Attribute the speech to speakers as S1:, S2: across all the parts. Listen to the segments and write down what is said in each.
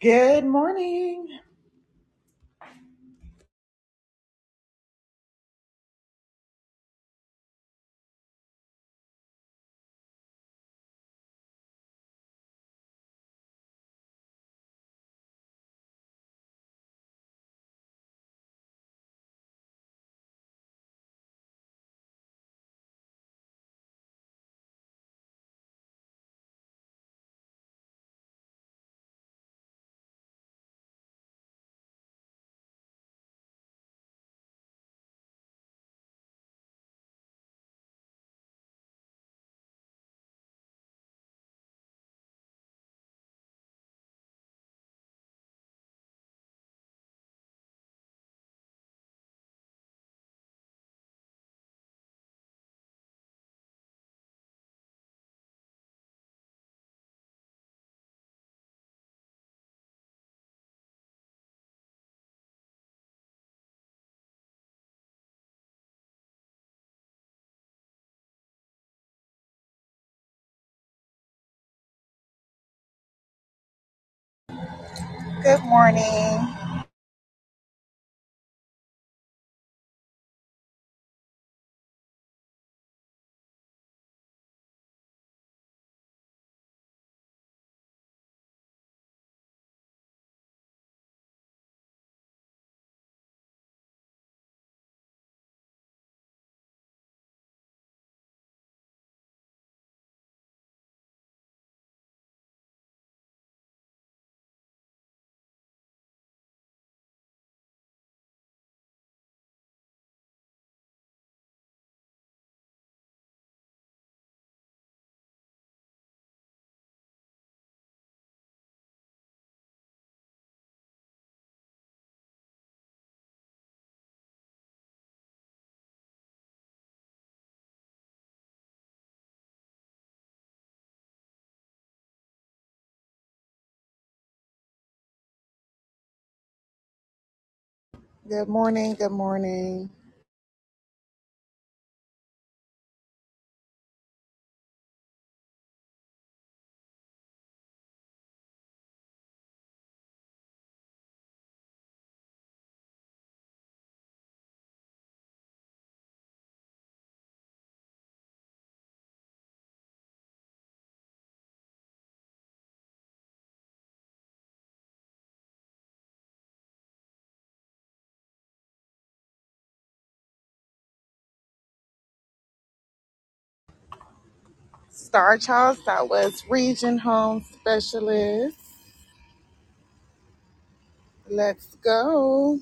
S1: Good morning. Good morning. Good morning. Good morning. Star Child Southwest Region Home Specialist. Let's go.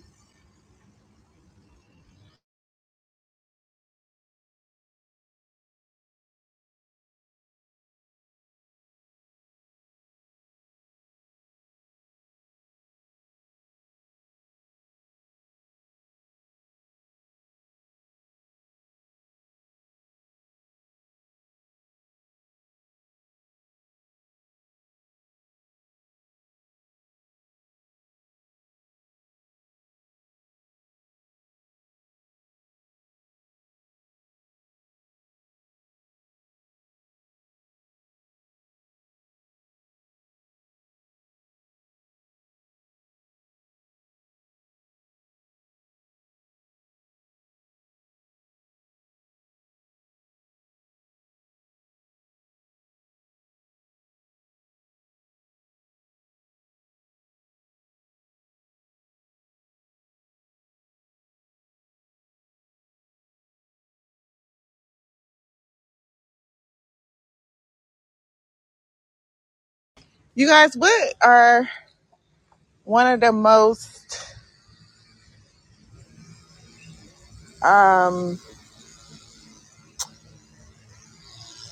S1: You guys, what are one of the most, um,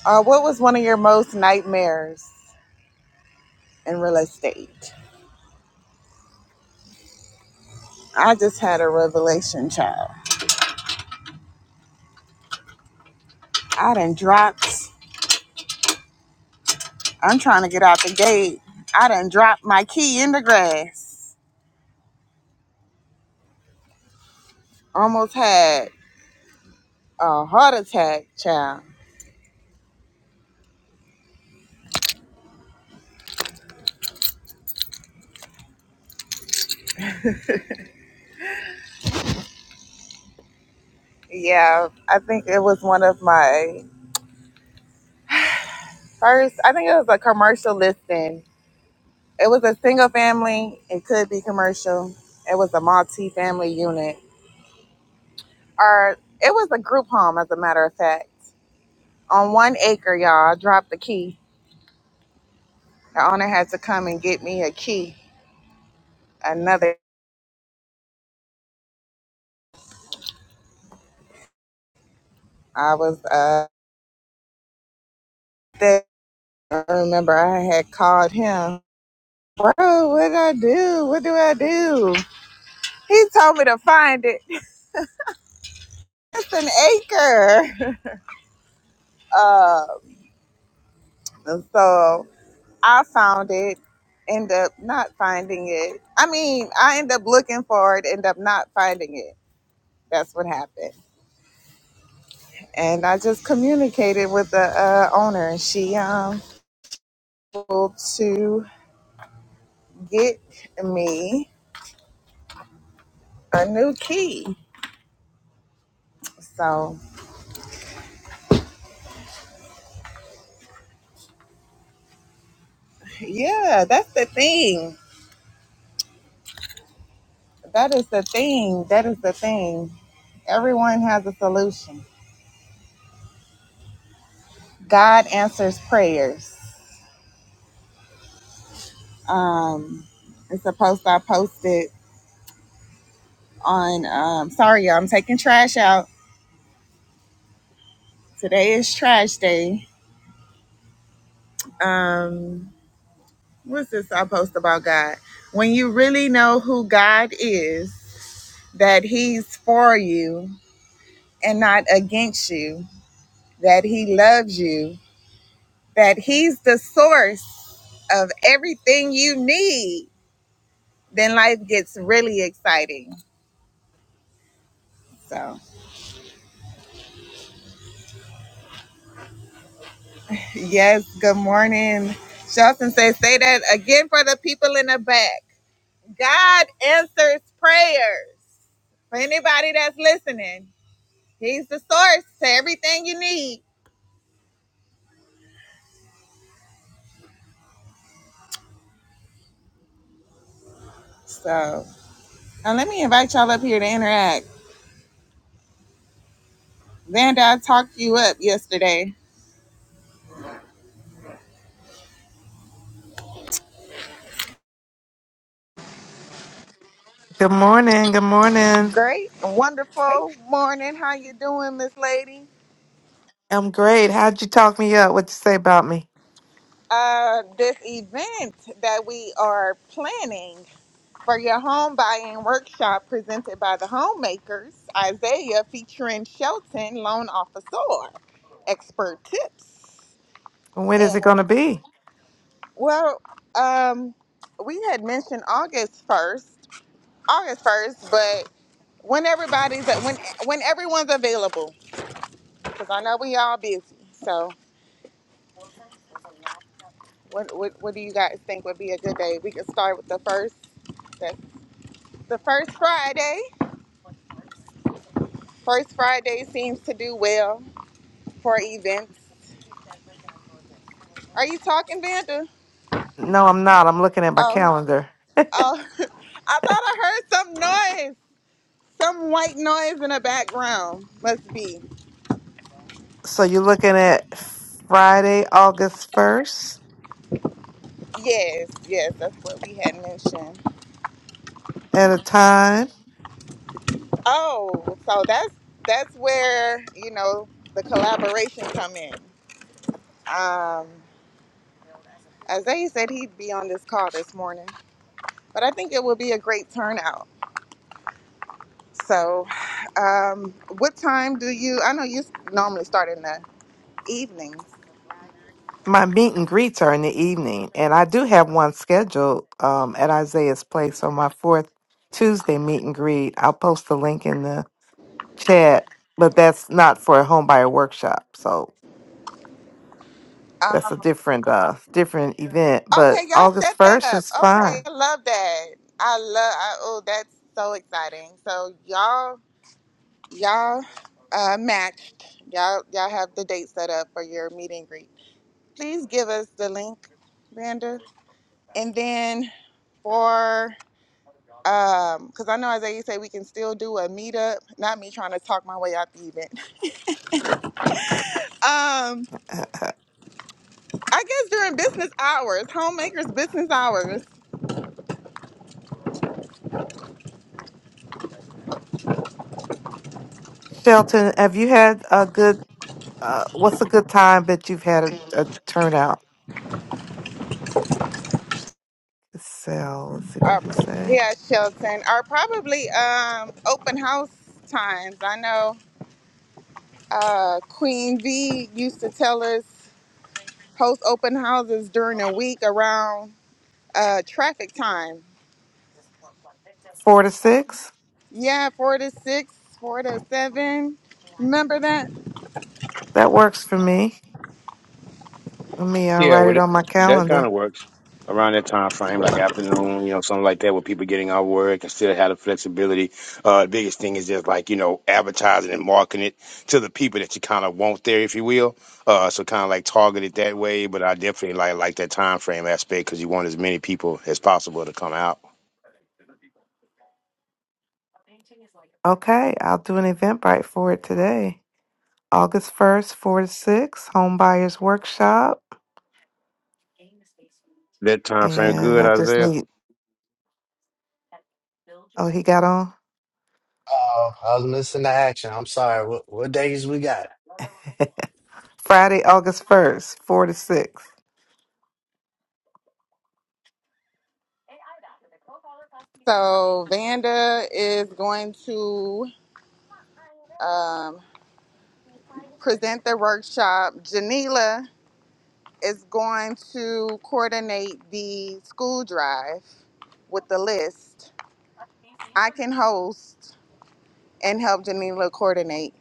S1: uh, what was one of your most nightmares in real estate? I just had a revelation, child. I done dropped, I'm trying to get out the gate. I done dropped my key in the grass. Almost had a heart attack, child Yeah, I think it was one of my first. I think it was a commercial listing. It was a single family. It could be commercial. It was a multi-family unit, or it was a group home, as a matter of fact. On one acre, y'all, I dropped the key. The owner had to come and get me a key. Another. I was uh. There. I remember I had called him. Bro, what do I do? What do I do? He told me to find it. It's an acre. Uh, so I found it, end up not finding it. I mean, I end up looking for it, end up not finding it. That's what happened. And I just communicated with the uh, owner, and she um was able to get me a new key. So yeah, that's the thing. That is the thing. That is the thing. Everyone has a solution. God answers prayers. Um, it's a post I posted on. Um, sorry, y'all, I'm taking trash out. Today is trash day. Um, what's this I post about God? When you really know who God is, that He's for you and not against you, that He loves you, that He's the source of everything you need, then life gets really exciting. So. Yes, good morning. Shelton says, say that again for the people in the back. God answers prayers. For anybody that's listening, He's the source to everything you need. So now let me invite y'all up here to interact. Vanda, I talked you up yesterday.
S2: Good morning. Good morning.
S1: Great, wonderful morning. How you doing, Miss Lady?
S2: I'm great. How'd you talk me up? What'd you say about me?
S1: Uh, this event that we are planning. for your home buying workshop presented by the homemakers, Isaiah featuring Shelton, loan officer, expert tips.
S2: When is it going
S1: And
S2: to be?
S1: well, um, we had mentioned August 1st, August 1st, but when everybody's when when everyone's available, because I know we all busy. So what, what what do you guys think would be a good day? We could start with the first, the, the first Friday. First Friday seems to do well for events. Are you talking, Vanda?
S2: No, I'm not. I'm looking at my
S1: Oh,
S2: calendar.
S1: oh. I thought I heard some noise. Some white noise in the background. Must be.
S2: So you're looking at Friday, August 1st
S1: Yes, yes, that's what we had mentioned.
S2: at a time.
S1: Oh, so that's that's where, you know, the collaboration come in. Um Isaiah said he'd be on this call this morning, but I think it will be a great turnout. So, um, what time do you? I know you s- normally start in the evenings.
S2: My meet and greets are in the evening, and I do have one scheduled um, at Isaiah's place on my fourth Tuesday meet and greet. I'll post the link in the chat, but that's not for a home buyer workshop. So that's a different uh different event.
S1: Okay,
S2: But
S1: y'all set
S2: August
S1: that
S2: first
S1: up.
S2: is
S1: Okay,
S2: fine.
S1: I love that. I love. I, oh, that's so exciting. So y'all, y'all uh, matched. Y'all, y'all have the date set up for your meet and greet. Please give us the link, Vanda, and then for um, because I know Isaiah said we can still do a meetup. Not me trying to talk my way out the event. Um, I guess during business hours, homemakers business hours.
S2: Shelton, have you had a good uh what's a good time that you've had a, a turnout? So let's see what
S1: Our,
S2: does it say.
S1: yeah, Shelton. Are probably um, open house times. I know uh, Queen V used to tell us host open houses during the week around uh, traffic time.
S2: Four to six?
S1: Yeah, four to six, four to seven. Remember that?
S2: That works for me. Let me uh,
S3: Yeah,
S2: write it
S3: well, it-
S2: on my
S3: that kind
S2: calendar.
S3: of works around that time frame, like afternoon, you know, something like that, where people getting off work and still have the flexibility. Uh, the biggest thing is just like you know, advertising and marketing it to the people that you kind of want there, if you will. Uh, so kind of like target it that way. But I definitely like like that time frame aspect because you want as many people as possible to come out.
S2: Okay, I'll do an Eventbrite for it today. August 1st, 4 to 6, Home Buyers Workshop.
S3: That time frame
S2: And
S3: good,
S2: I just
S3: Isaiah.
S2: need, oh, he got on?
S4: Oh, I was missing the action. I'm sorry. What what days we got?
S2: Friday, August 1st, 4 to 6.
S1: So Vanda is going to um, present the workshop. Janila is going to coordinate the school drive with the list. I can host and help Janila coordinate.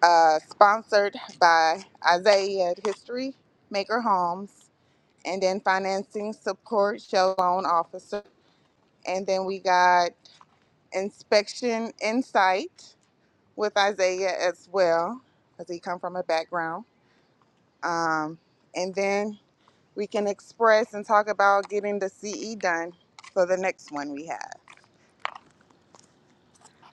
S1: Uh, sponsored by Isaiah History Maker Homes, and then financing support show loan officer, and then we got inspection insight with Isaiah as well, because he come from a background. Um, and then we can express and talk about getting the CE done for the next one we have.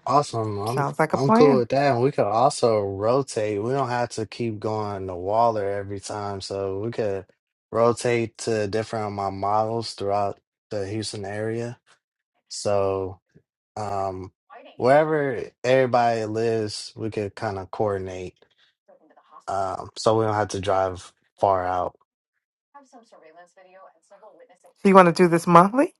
S4: Awesome. I'm
S2: Sounds like a
S4: I'm cool
S2: plan.
S4: with that. And we could also rotate. We don't have to keep going to Waller every time. So we could rotate to different of my models throughout the Houston area. So um wherever everybody lives, we could kind of coordinate. Um so we don't have to drive far out.
S2: So you want to do this monthly?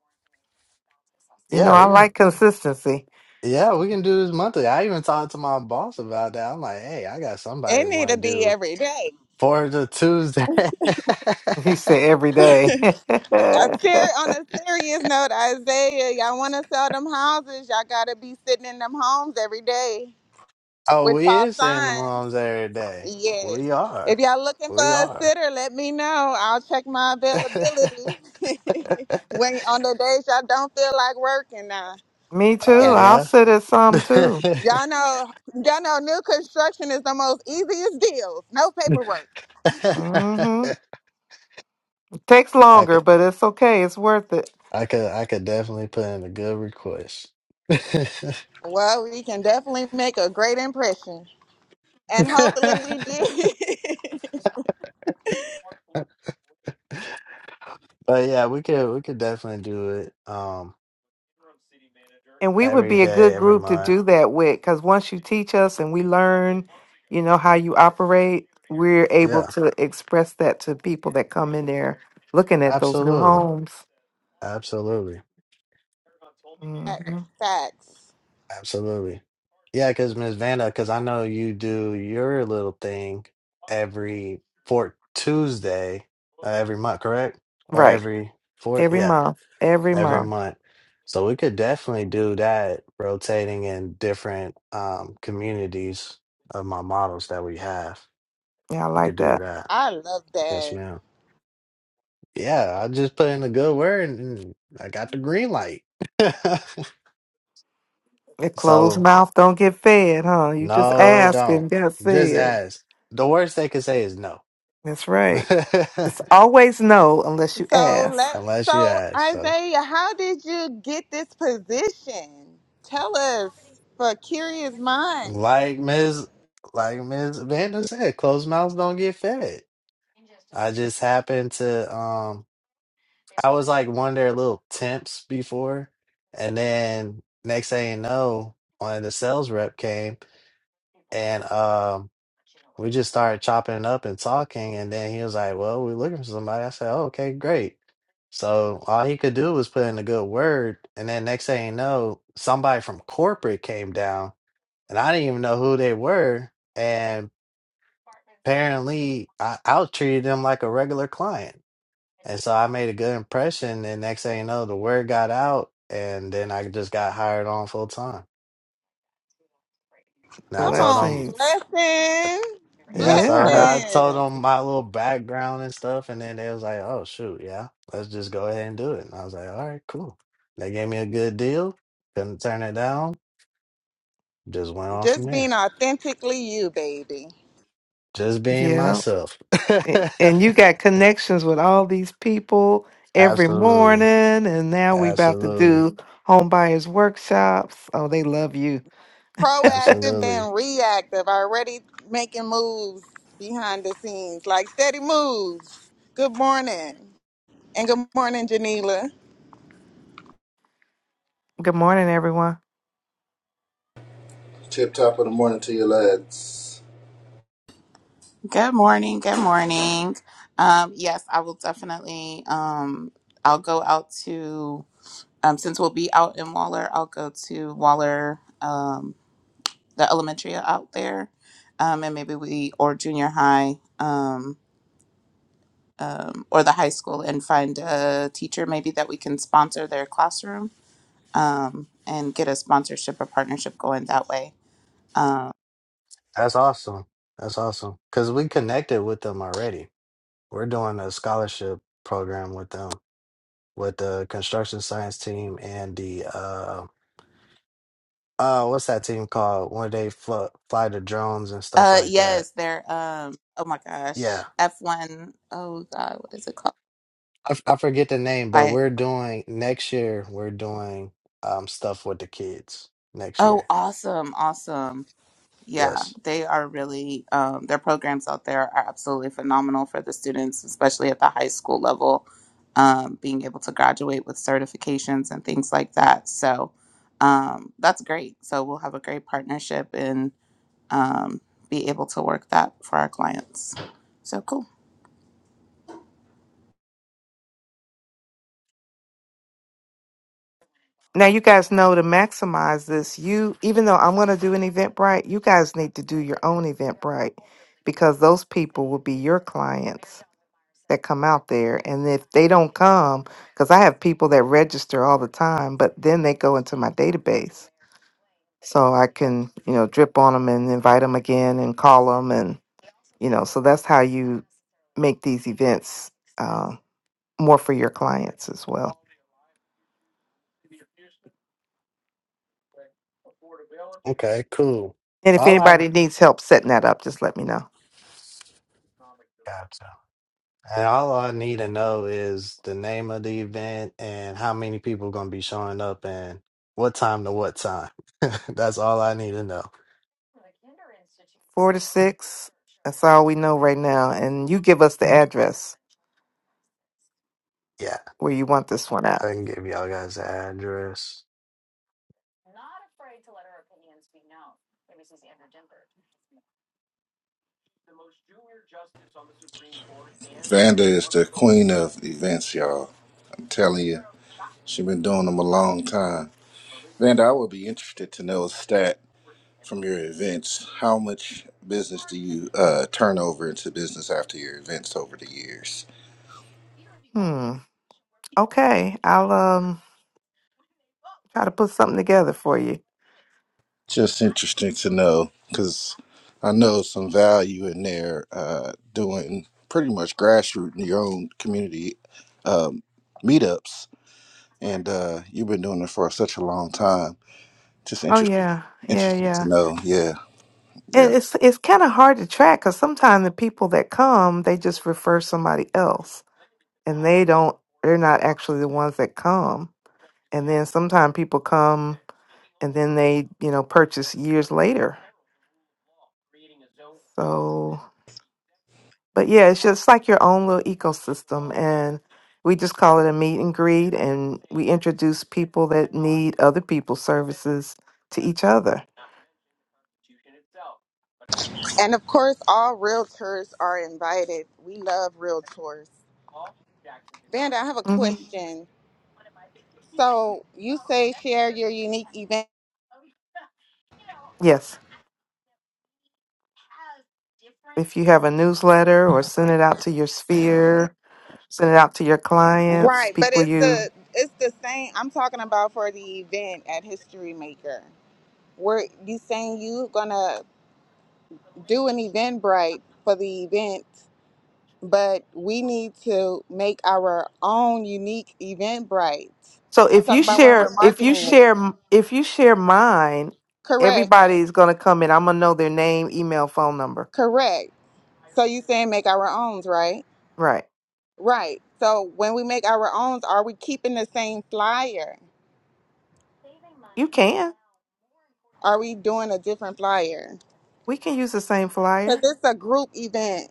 S2: You know,
S4: Yeah,
S2: I
S4: we can
S2: like consistency.
S4: Yeah, we can do this monthly. I even talked to my boss about that. I'm like, hey, I got somebody
S1: It need
S4: want
S1: to
S4: to
S1: be
S4: do
S1: every day.
S4: for the Tuesday.
S2: He said every day.
S1: a ser- on a serious note, Isaiah, y'all want to sell them houses? Y'all gotta be sitting in them homes every day
S4: oh,
S1: with
S4: we
S1: y'all
S4: is in the
S1: signs.
S4: moms every day.
S1: Yes.
S4: We
S1: If
S4: are.
S1: y'all looking for
S4: We
S1: a
S4: are.
S1: sitter, let me know. I'll check my availability when on the days y'all don't feel like working now.
S2: Me
S1: But
S2: too.
S4: Oh
S1: yeah,
S2: I'll
S4: yeah.
S2: sit at some too.
S1: y'all know, y'all know, new construction is the most easiest deals. No paperwork.
S2: hmm Takes
S4: I
S2: longer,
S4: could
S2: but it's okay. It's worth it.
S4: I could I could definitely put in a good request.
S1: Well, we can definitely make a great impression, and hopefully we
S4: But
S1: do.
S4: yeah, we could we could definitely do it um
S2: And we would
S4: every
S2: be a good
S4: day, every
S2: group to
S4: month.
S2: do that with because once you teach us and we learn, you know, how you operate, we're able
S4: Yeah.
S2: to express that to people that come in there looking at those new
S4: Absolutely.
S2: homes.
S4: Absolutely.
S2: hmm
S1: Facts.
S4: Absolutely. Yeah, because Miss Vanda, because I know you do your little thing every fourth Tuesday, uh, every month, correct? Or
S2: Right.
S4: every fourth?
S2: Every
S4: Yeah,
S2: month. Every
S4: every
S2: month.
S4: month. So we could definitely do that, rotating in different um, communities of my models that we have.
S2: Yeah, I
S4: We could
S2: like
S4: do
S2: that.
S4: that.
S1: I love
S4: Yes,
S1: that.
S4: ma'am. Yeah, I just put in a good word and I got the green light.
S2: A closed
S4: So.
S2: mouth don't get fed, huh? You just
S4: No, it
S2: ask
S4: don't.
S2: and get
S4: Just
S2: fed.
S4: ask. The worst they could say is no.
S2: That's right. It's always no unless you
S1: So
S2: ask.
S1: let
S4: Unless you
S1: so
S4: ask. So
S1: Isaiah, how did you get this position? Tell us for curious minds.
S4: like Ms. like Ms. Vanda said, closed mouths don't get fed. I just happened to um I was like one of their little temps before and then next thing you know, one of the sales rep came and um. We just started chopping it up and talking, and then he was like, "Well, we're looking for somebody." I said, "Oh, okay, great." So all he could do was put in a good word, and then next thing you know, somebody from corporate came down, and I didn't even know who they were, and apparently I out treated them like a regular client, and so I made a good impression. And next thing you know, the word got out, and then I just got hired on full time. And I
S1: Come
S4: told
S1: on,
S4: them.
S2: Blessings.
S1: blessing,
S4: Yeah, so
S2: Yeah.
S4: now I told
S1: blessing.
S4: them my little background and stuff, and then they was like, "Oh shoot, yeah, let's just go ahead and do it." And I was like, "All right, cool." They gave me a good deal, couldn't turn it down. Just went on from
S1: Just
S4: there,
S1: being authentically you, baby.
S4: just being
S2: Yeah.
S4: myself.
S2: A- And you got connections with all these people every
S4: absolutely,
S2: morning, and now we about to
S4: absolutely,
S2: do home buyers workshops. Oh, they love you.
S1: Proactive than
S4: absolutely.
S1: reactive. Already making moves behind the scenes, like steady moves. Good morning, and good morning, Janila.
S2: Good morning, everyone.
S5: Tip top of the morning to you, lads.
S6: Good morning. Good morning. Um, yes, I will definitely. Um, I'll go out to um, since we'll be out in Waller. I'll go to Waller, um, the elementary out there, um, and maybe we or junior high um, or the high school and find a teacher maybe that we can sponsor their classroom um, and get a sponsorship or partnership going that way. Um,
S4: That's awesome. That's awesome because we connected with them already. We're doing a scholarship program with them, with the construction science team and the um uh what's that team called where they fly, fly the drones and stuff
S6: uh,
S4: like that
S6: yes, they're. Um, oh my
S4: yeah
S6: gosh, F one. Oh God, what is it
S4: I, f- I forget the name but
S6: called?
S4: we're doing next year we're doing um stuff with the kids next
S6: Oh,
S4: year
S6: awesome, awesome. Yeah,
S4: yes
S6: they are really, um, their programs out there are absolutely phenomenal for the students, especially at the high school level, um, being able to graduate with certifications and things like that. So um, that's great. So we'll have a great partnership and um, be able to work that for our clients. So cool.
S2: Now you guys know to maximize this. You, even though I'm going to do an Eventbrite, you guys need to do your own Eventbrite because those people will be your clients that come out there. And if they don't come, because I have people that register all the time, but then they go into my database so I can, you know, drip on them and invite them again and call them. And, you know, so that's how you make these events uh, more for your clients as well.
S4: okay cool
S2: And if
S4: all i
S2: anybody needs help setting that up, just let me know.
S4: gotcha and all i need to know is the name of the event and how many people gonna be showing up and what time to what time that's all i need to know
S2: Four to six, that's all we know right now. And you give us the address
S4: yeah
S2: where you want this one at.
S4: i can give y'all guys the address
S5: Vanda is the queen of events, y'all. I'm telling you, she been doing them a long time. Vanda, I would be interested to know a stat from your events. How much business do you uh, turn over into business after your events over the years?
S2: Hmm. Okay. I'll um try to put something together for you.
S5: Just interesting to know because I know some value in there uh, doing pretty much grassroots in your own community um, meetups. And uh, you've been doing it for such a long time Just
S2: Oh
S5: interested,
S2: yeah, yeah,
S5: interested
S2: yeah.
S5: to know. Yeah, yeah.
S2: And it's it's kind of hard to track because sometimes the people that come, they just refer somebody else, and they don't. They're not actually the ones that come. And then sometimes people come, and then they, you know, purchase years later. So. But yeah, it's just like your own little ecosystem. And we just call it a meet and greet. And we introduce people that need other people's services to each other.
S1: And of course, all realtors are invited. We love realtors. Vanda, I have a
S2: hmm
S1: question. So you say share your unique event,
S2: Yes. If you have a newsletter or send it out to your sphere, send it out to your clients,
S1: right? But
S2: people
S1: it's
S2: you.
S1: the it's the same. I'm talking about for the event at History Maker. Where you saying you gonna do an Eventbrite for the event, but we need to make our own unique event
S2: So
S1: I'm
S2: if
S1: talking
S2: you
S1: about when we're
S2: share, if you
S1: marketing it.
S2: share, if you share mine,
S1: Correct,
S2: everybody's going to come in. I'm going to know their name, email, phone number.
S1: correct. So you saying make our own, right?
S2: Right.
S1: Right. So when we make our own, are we keeping the same flyer?
S2: You can.
S1: Are we doing a different flyer?
S2: We can use the same
S1: Because
S2: flyer.
S1: it's a group event.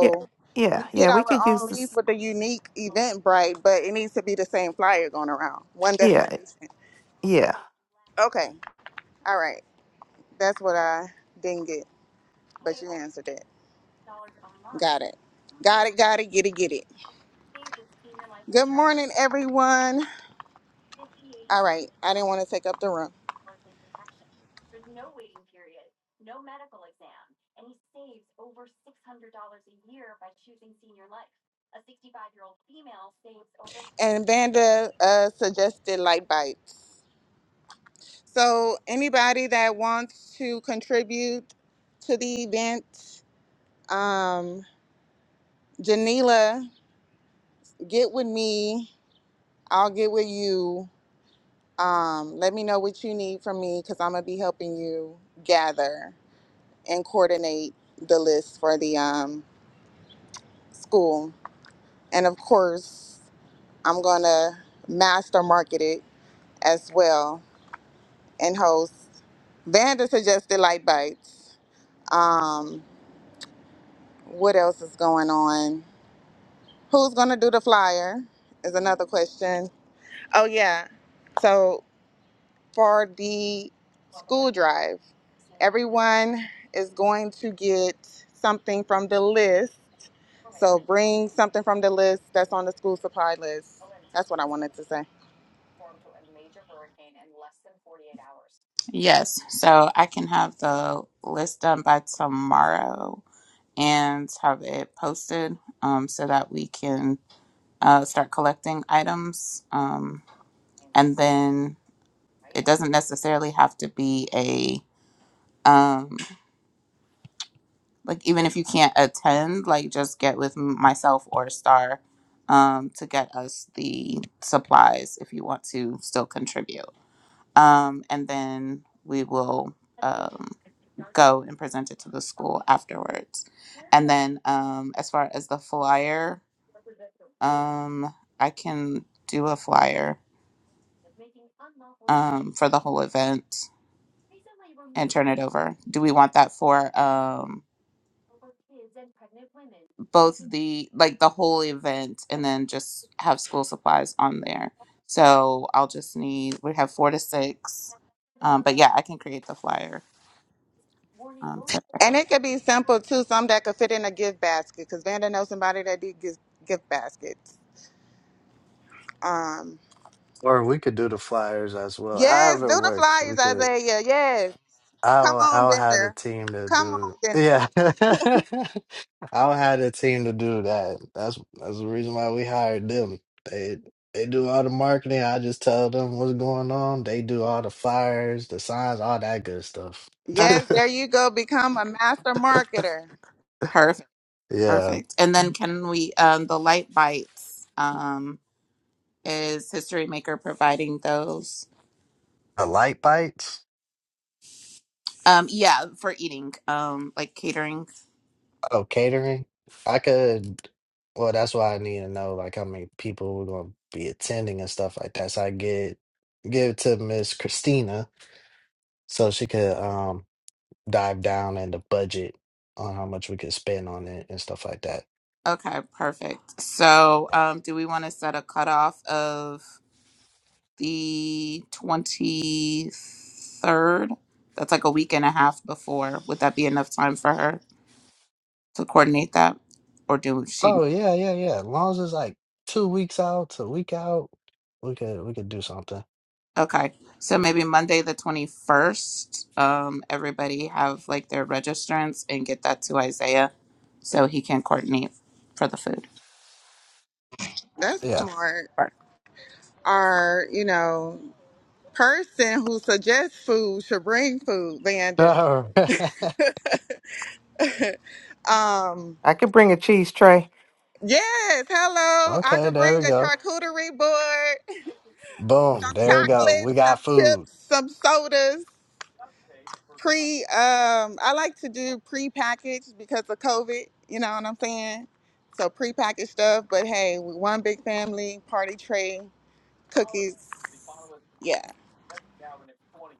S2: Yeah,
S1: we
S2: yeah,
S1: get
S2: yeah.
S1: our
S2: We could use
S1: own leads
S2: this.
S1: with a unique event, bright, but it needs to be the same flyer going around, one
S2: Yeah,
S1: destination.
S2: yeah.
S1: Okay. All right. That's what I didn't get, but you answered it. Got it. Got it, got it, get it, get it. Good morning, everyone. All right. I didn't want to take up the room. And Vanda uh, suggested light bites. So, anybody that wants to contribute to the event, um, Janila, get with me. I'll get with you. Um, let me know what you need from me because I'm gonna be helping you gather and coordinate the list for the um, school. And of course, I'm gonna master market it as well and host. Vanda suggested light bites. Um, what else is going on? Who's going to do the flyer is another question. Oh, yeah. So for the school drive, everyone is going to get something from the list. So bring something from the list that's on the school supply list. That's what I wanted to say.
S6: Yes, so I can have the list done by tomorrow and have it posted um, so that we can. uh, start collecting items. Um, and then it doesn't necessarily have to be a um, like even if you can't attend, like just get with m- myself or Star um, to get us the supplies if you want to still contribute. Um, and then we will um, go and present it to the school afterwards. And then um, as far as the flyer, um, I can do a flyer um, for the whole event and turn it over? Do we want that for um both the like the whole event and then just have school supplies on there? So I'll just need we have four to six. Um, but yeah, I can create the flyer. Um, today.
S1: And it could be simple too, some that could fit in a gift basket because Vanda knows somebody that did gift, gift baskets. Um,
S4: Or we could do the flyers as well.
S1: yes, do
S4: However it
S1: the
S4: works, we
S1: flyers,
S4: could.
S1: Isaiah. Yes. Come
S4: I'll
S1: on,
S4: I'll have the
S1: Bender.
S4: team to
S1: Come on,
S4: do.
S1: Bender.
S4: Yeah, I'll have the team to do that. That's that's the reason why we hired them. They they do all the marketing. I just tell them what's going on. They do all the flyers, the signs, all that good stuff.
S6: Okay,
S1: Yes, there you go. Become a master marketer.
S6: perfect,
S4: yeah, the
S6: perfect. And then can we um the light bites um is History Maker providing those?
S4: light bites.
S6: Um, yeah, for eating, um, like catering.
S4: Oh, catering? I could. Well, that's why I need to know like how many people we're gonna be attending and stuff like that. So I get give it to Miss Christina so she could um dive down in the budget on how much we could spend on it and stuff like that.
S6: Okay, perfect. So, um, do we want to set a cutoff of? the 23rd. That's like a week and a half before. Would that be enough time for her to coordinate that? Or do she?
S4: Oh yeah, yeah, yeah. As long as it's like two weeks out to a week out, we could we could do something.
S6: Okay. So maybe Monday the 21st, um, everybody have like their registrants and get that to Isaiah so he can coordinate for the food.
S1: That's
S4: Yeah.
S1: smart. Our, you know, person who suggests food should bring food, Vanda. Um,
S2: I could bring a cheese tray.
S1: yes, hello. I
S4: Okay,
S1: could
S4: there
S1: bring
S4: we
S1: a
S4: go.
S1: charcuterie board,
S4: Boom,
S1: some
S4: there we go.
S1: chocolate,
S4: We
S1: some
S4: got food.
S1: chips, some sodas. Pre um I like to do pre-packaged because of COVID, you know what I'm saying? So pre-packaged stuff, but hey, we one big family, party tray, cookies. Yeah.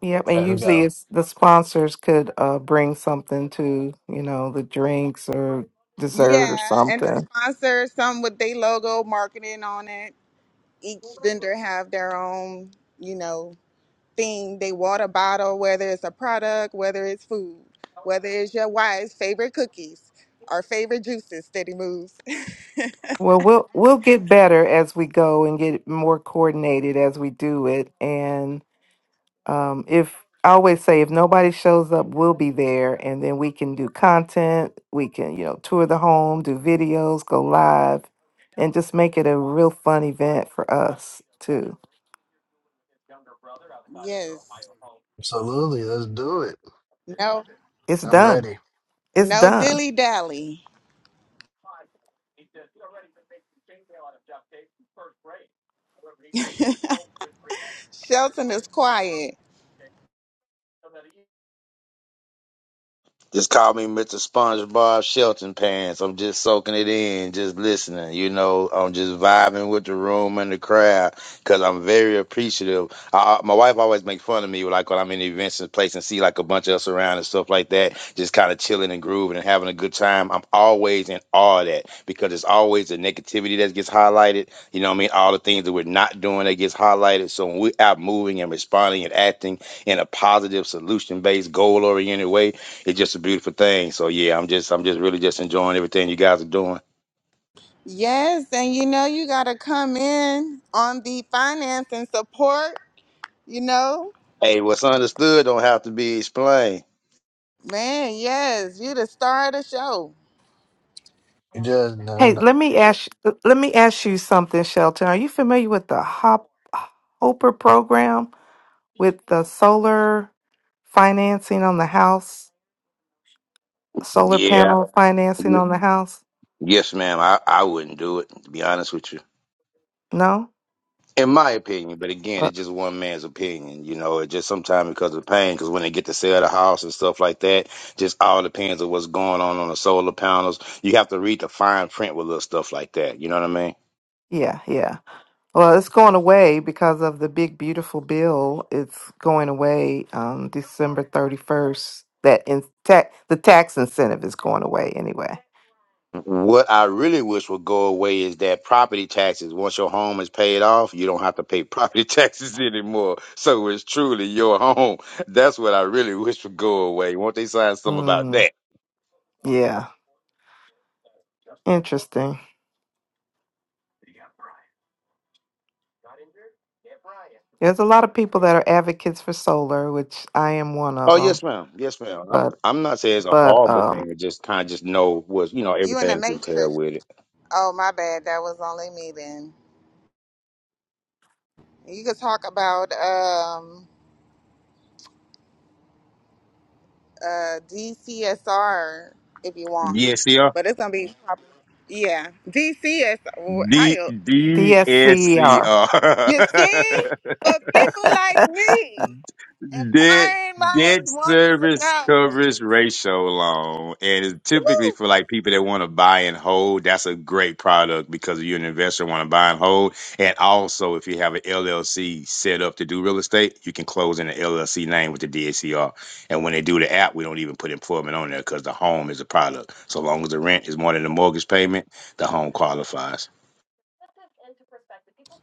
S2: Yep, and
S4: There we
S2: usually
S4: go.
S2: it's the sponsors could uh bring something to you know the drinks or dessert or
S1: Yeah, and to
S2: something.
S1: sponsor some with their logo marketing on it. Each vendor have their own, you know, thing. They water bottle, whether it's a product, whether it's food, whether it's your wife's favorite cookies or favorite juices. Steady moves.
S2: Well, we'll we'll get better as we go and get more coordinated as we do it, um, if I always say if nobody shows up, we'll be there, and then we can do content. We can you know tour the home, do videos, go live, and just make it a real fun event for us too.
S1: yes.
S4: Absolutely, let's do it.
S1: No.
S2: It's
S4: I'm
S2: done.
S4: ready.
S2: It's
S1: No
S2: done.
S1: dilly dally. Shelton is quiet.
S3: Just call me Mr. SpongeBob Shelton Pants. I'm just soaking it in, just listening. You know, I'm just vibing with the room and the crowd because I'm very appreciative. I, I- my wife always make fun of me, like when I'm in events and place and see like a bunch of us around and stuff like that, just kind of chilling and grooving and having a good time. I'm always in awe of that because it's always the negativity that gets highlighted. You know what I mean? All the things that we're not doing that gets highlighted. So when we're out moving and responding and acting in a positive, solution based, goal oriented way, it's just a beautiful thing. So yeah, I'm just I'm just really just enjoying everything you guys are doing.
S1: Yes, and you know you gotta come in on the finance and support. You know.
S3: Hey, what's understood don't have to be explained.
S1: Man, yes, you the star of the show.
S4: You just no, no.
S2: Hey, let me ask let me ask you something, Shelton. Are you familiar with the Hop Hopper program with the solar financing on the house, solar
S3: Yeah.
S2: panel financing
S3: Y-
S2: on the house?
S3: Yes, ma'am. I, I wouldn't do it, to be honest with you.
S2: No.
S3: In my opinion, but again,
S2: Uh,
S3: it's just one man's opinion. You know, it just sometimes because of the pain, because when they get to sell the house and stuff like that, just all depends on what's going on on the solar panels. You have to read the fine print with little stuff like that. You know what I mean?
S2: yeah, yeah. Well, it's going away because of the big beautiful bill. It's going away um, December thirty first. That in ta- the tax incentive is going away anyway.
S3: What I really wish would go away is that property taxes. Once your home is paid off, you don't have to pay property taxes anymore. So it's truly your home. That's what I really wish would go away. Won't they sign something about
S2: Mm,
S3: that?
S2: yeah, interesting. There's a lot of people that are advocates for solar, which I am one of
S3: Oh
S2: them.
S3: yes, ma'am. Yes, ma'am. I'm, I'm not saying it's a
S2: But
S3: horrible
S2: um,
S3: thing. It just kind of just know what you know
S1: You in the
S3: everything that's entailed
S1: Matrix.
S3: with it.
S1: Oh my bad, that was only me then. You could talk about um uh DCSR if you want,
S3: DSCR.
S1: but it's gonna be pop- yeah DCS. How
S3: D
S1: you
S3: D S C
S2: DSCER.
S1: you
S3: R.
S1: see? But people like me,
S3: Debt
S1: inquiring
S3: debt
S1: minds want to
S3: service
S1: know.
S3: coverage ratio loan, and it's typically
S1: Woo!
S3: for like people that want to buy and hold. That's a great product because you're an investor want to buy and hold, and also if you have an LLC set up to do real estate, you can close in the LLC name with the DSCR. And when they do the app, we don't even put employment on there because the home is a product. So long as the rent is more than the mortgage payment, the home qualifies.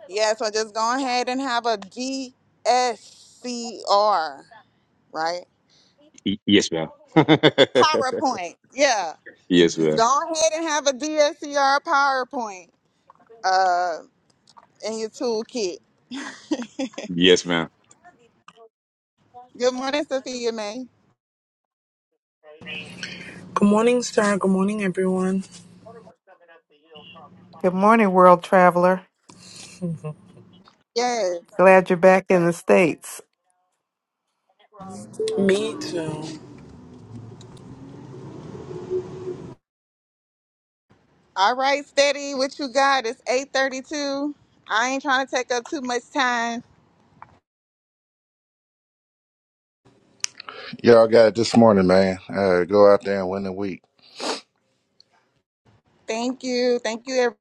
S1: Yeah, so just go ahead and have a DSCR, right?
S3: Y- yes, ma'am.
S1: PowerPoint. Yeah.
S3: yes,
S1: Just
S3: ma'am.
S1: go ahead and have a DSCR PowerPoint uh, in your toolkit.
S3: Yes, ma'am.
S1: Good morning, Sophia May.
S7: Good morning, sir. Good morning, everyone.
S2: Good morning, world traveler.
S1: Yes.
S2: Glad you're back in the States.
S7: Me too.
S1: All right, steady. What you got? It's 832. I ain't trying to take up too much time.
S5: Y'all got it this morning, man. Uh, go out there and win the week.
S1: Thank you. Thank you, everyone.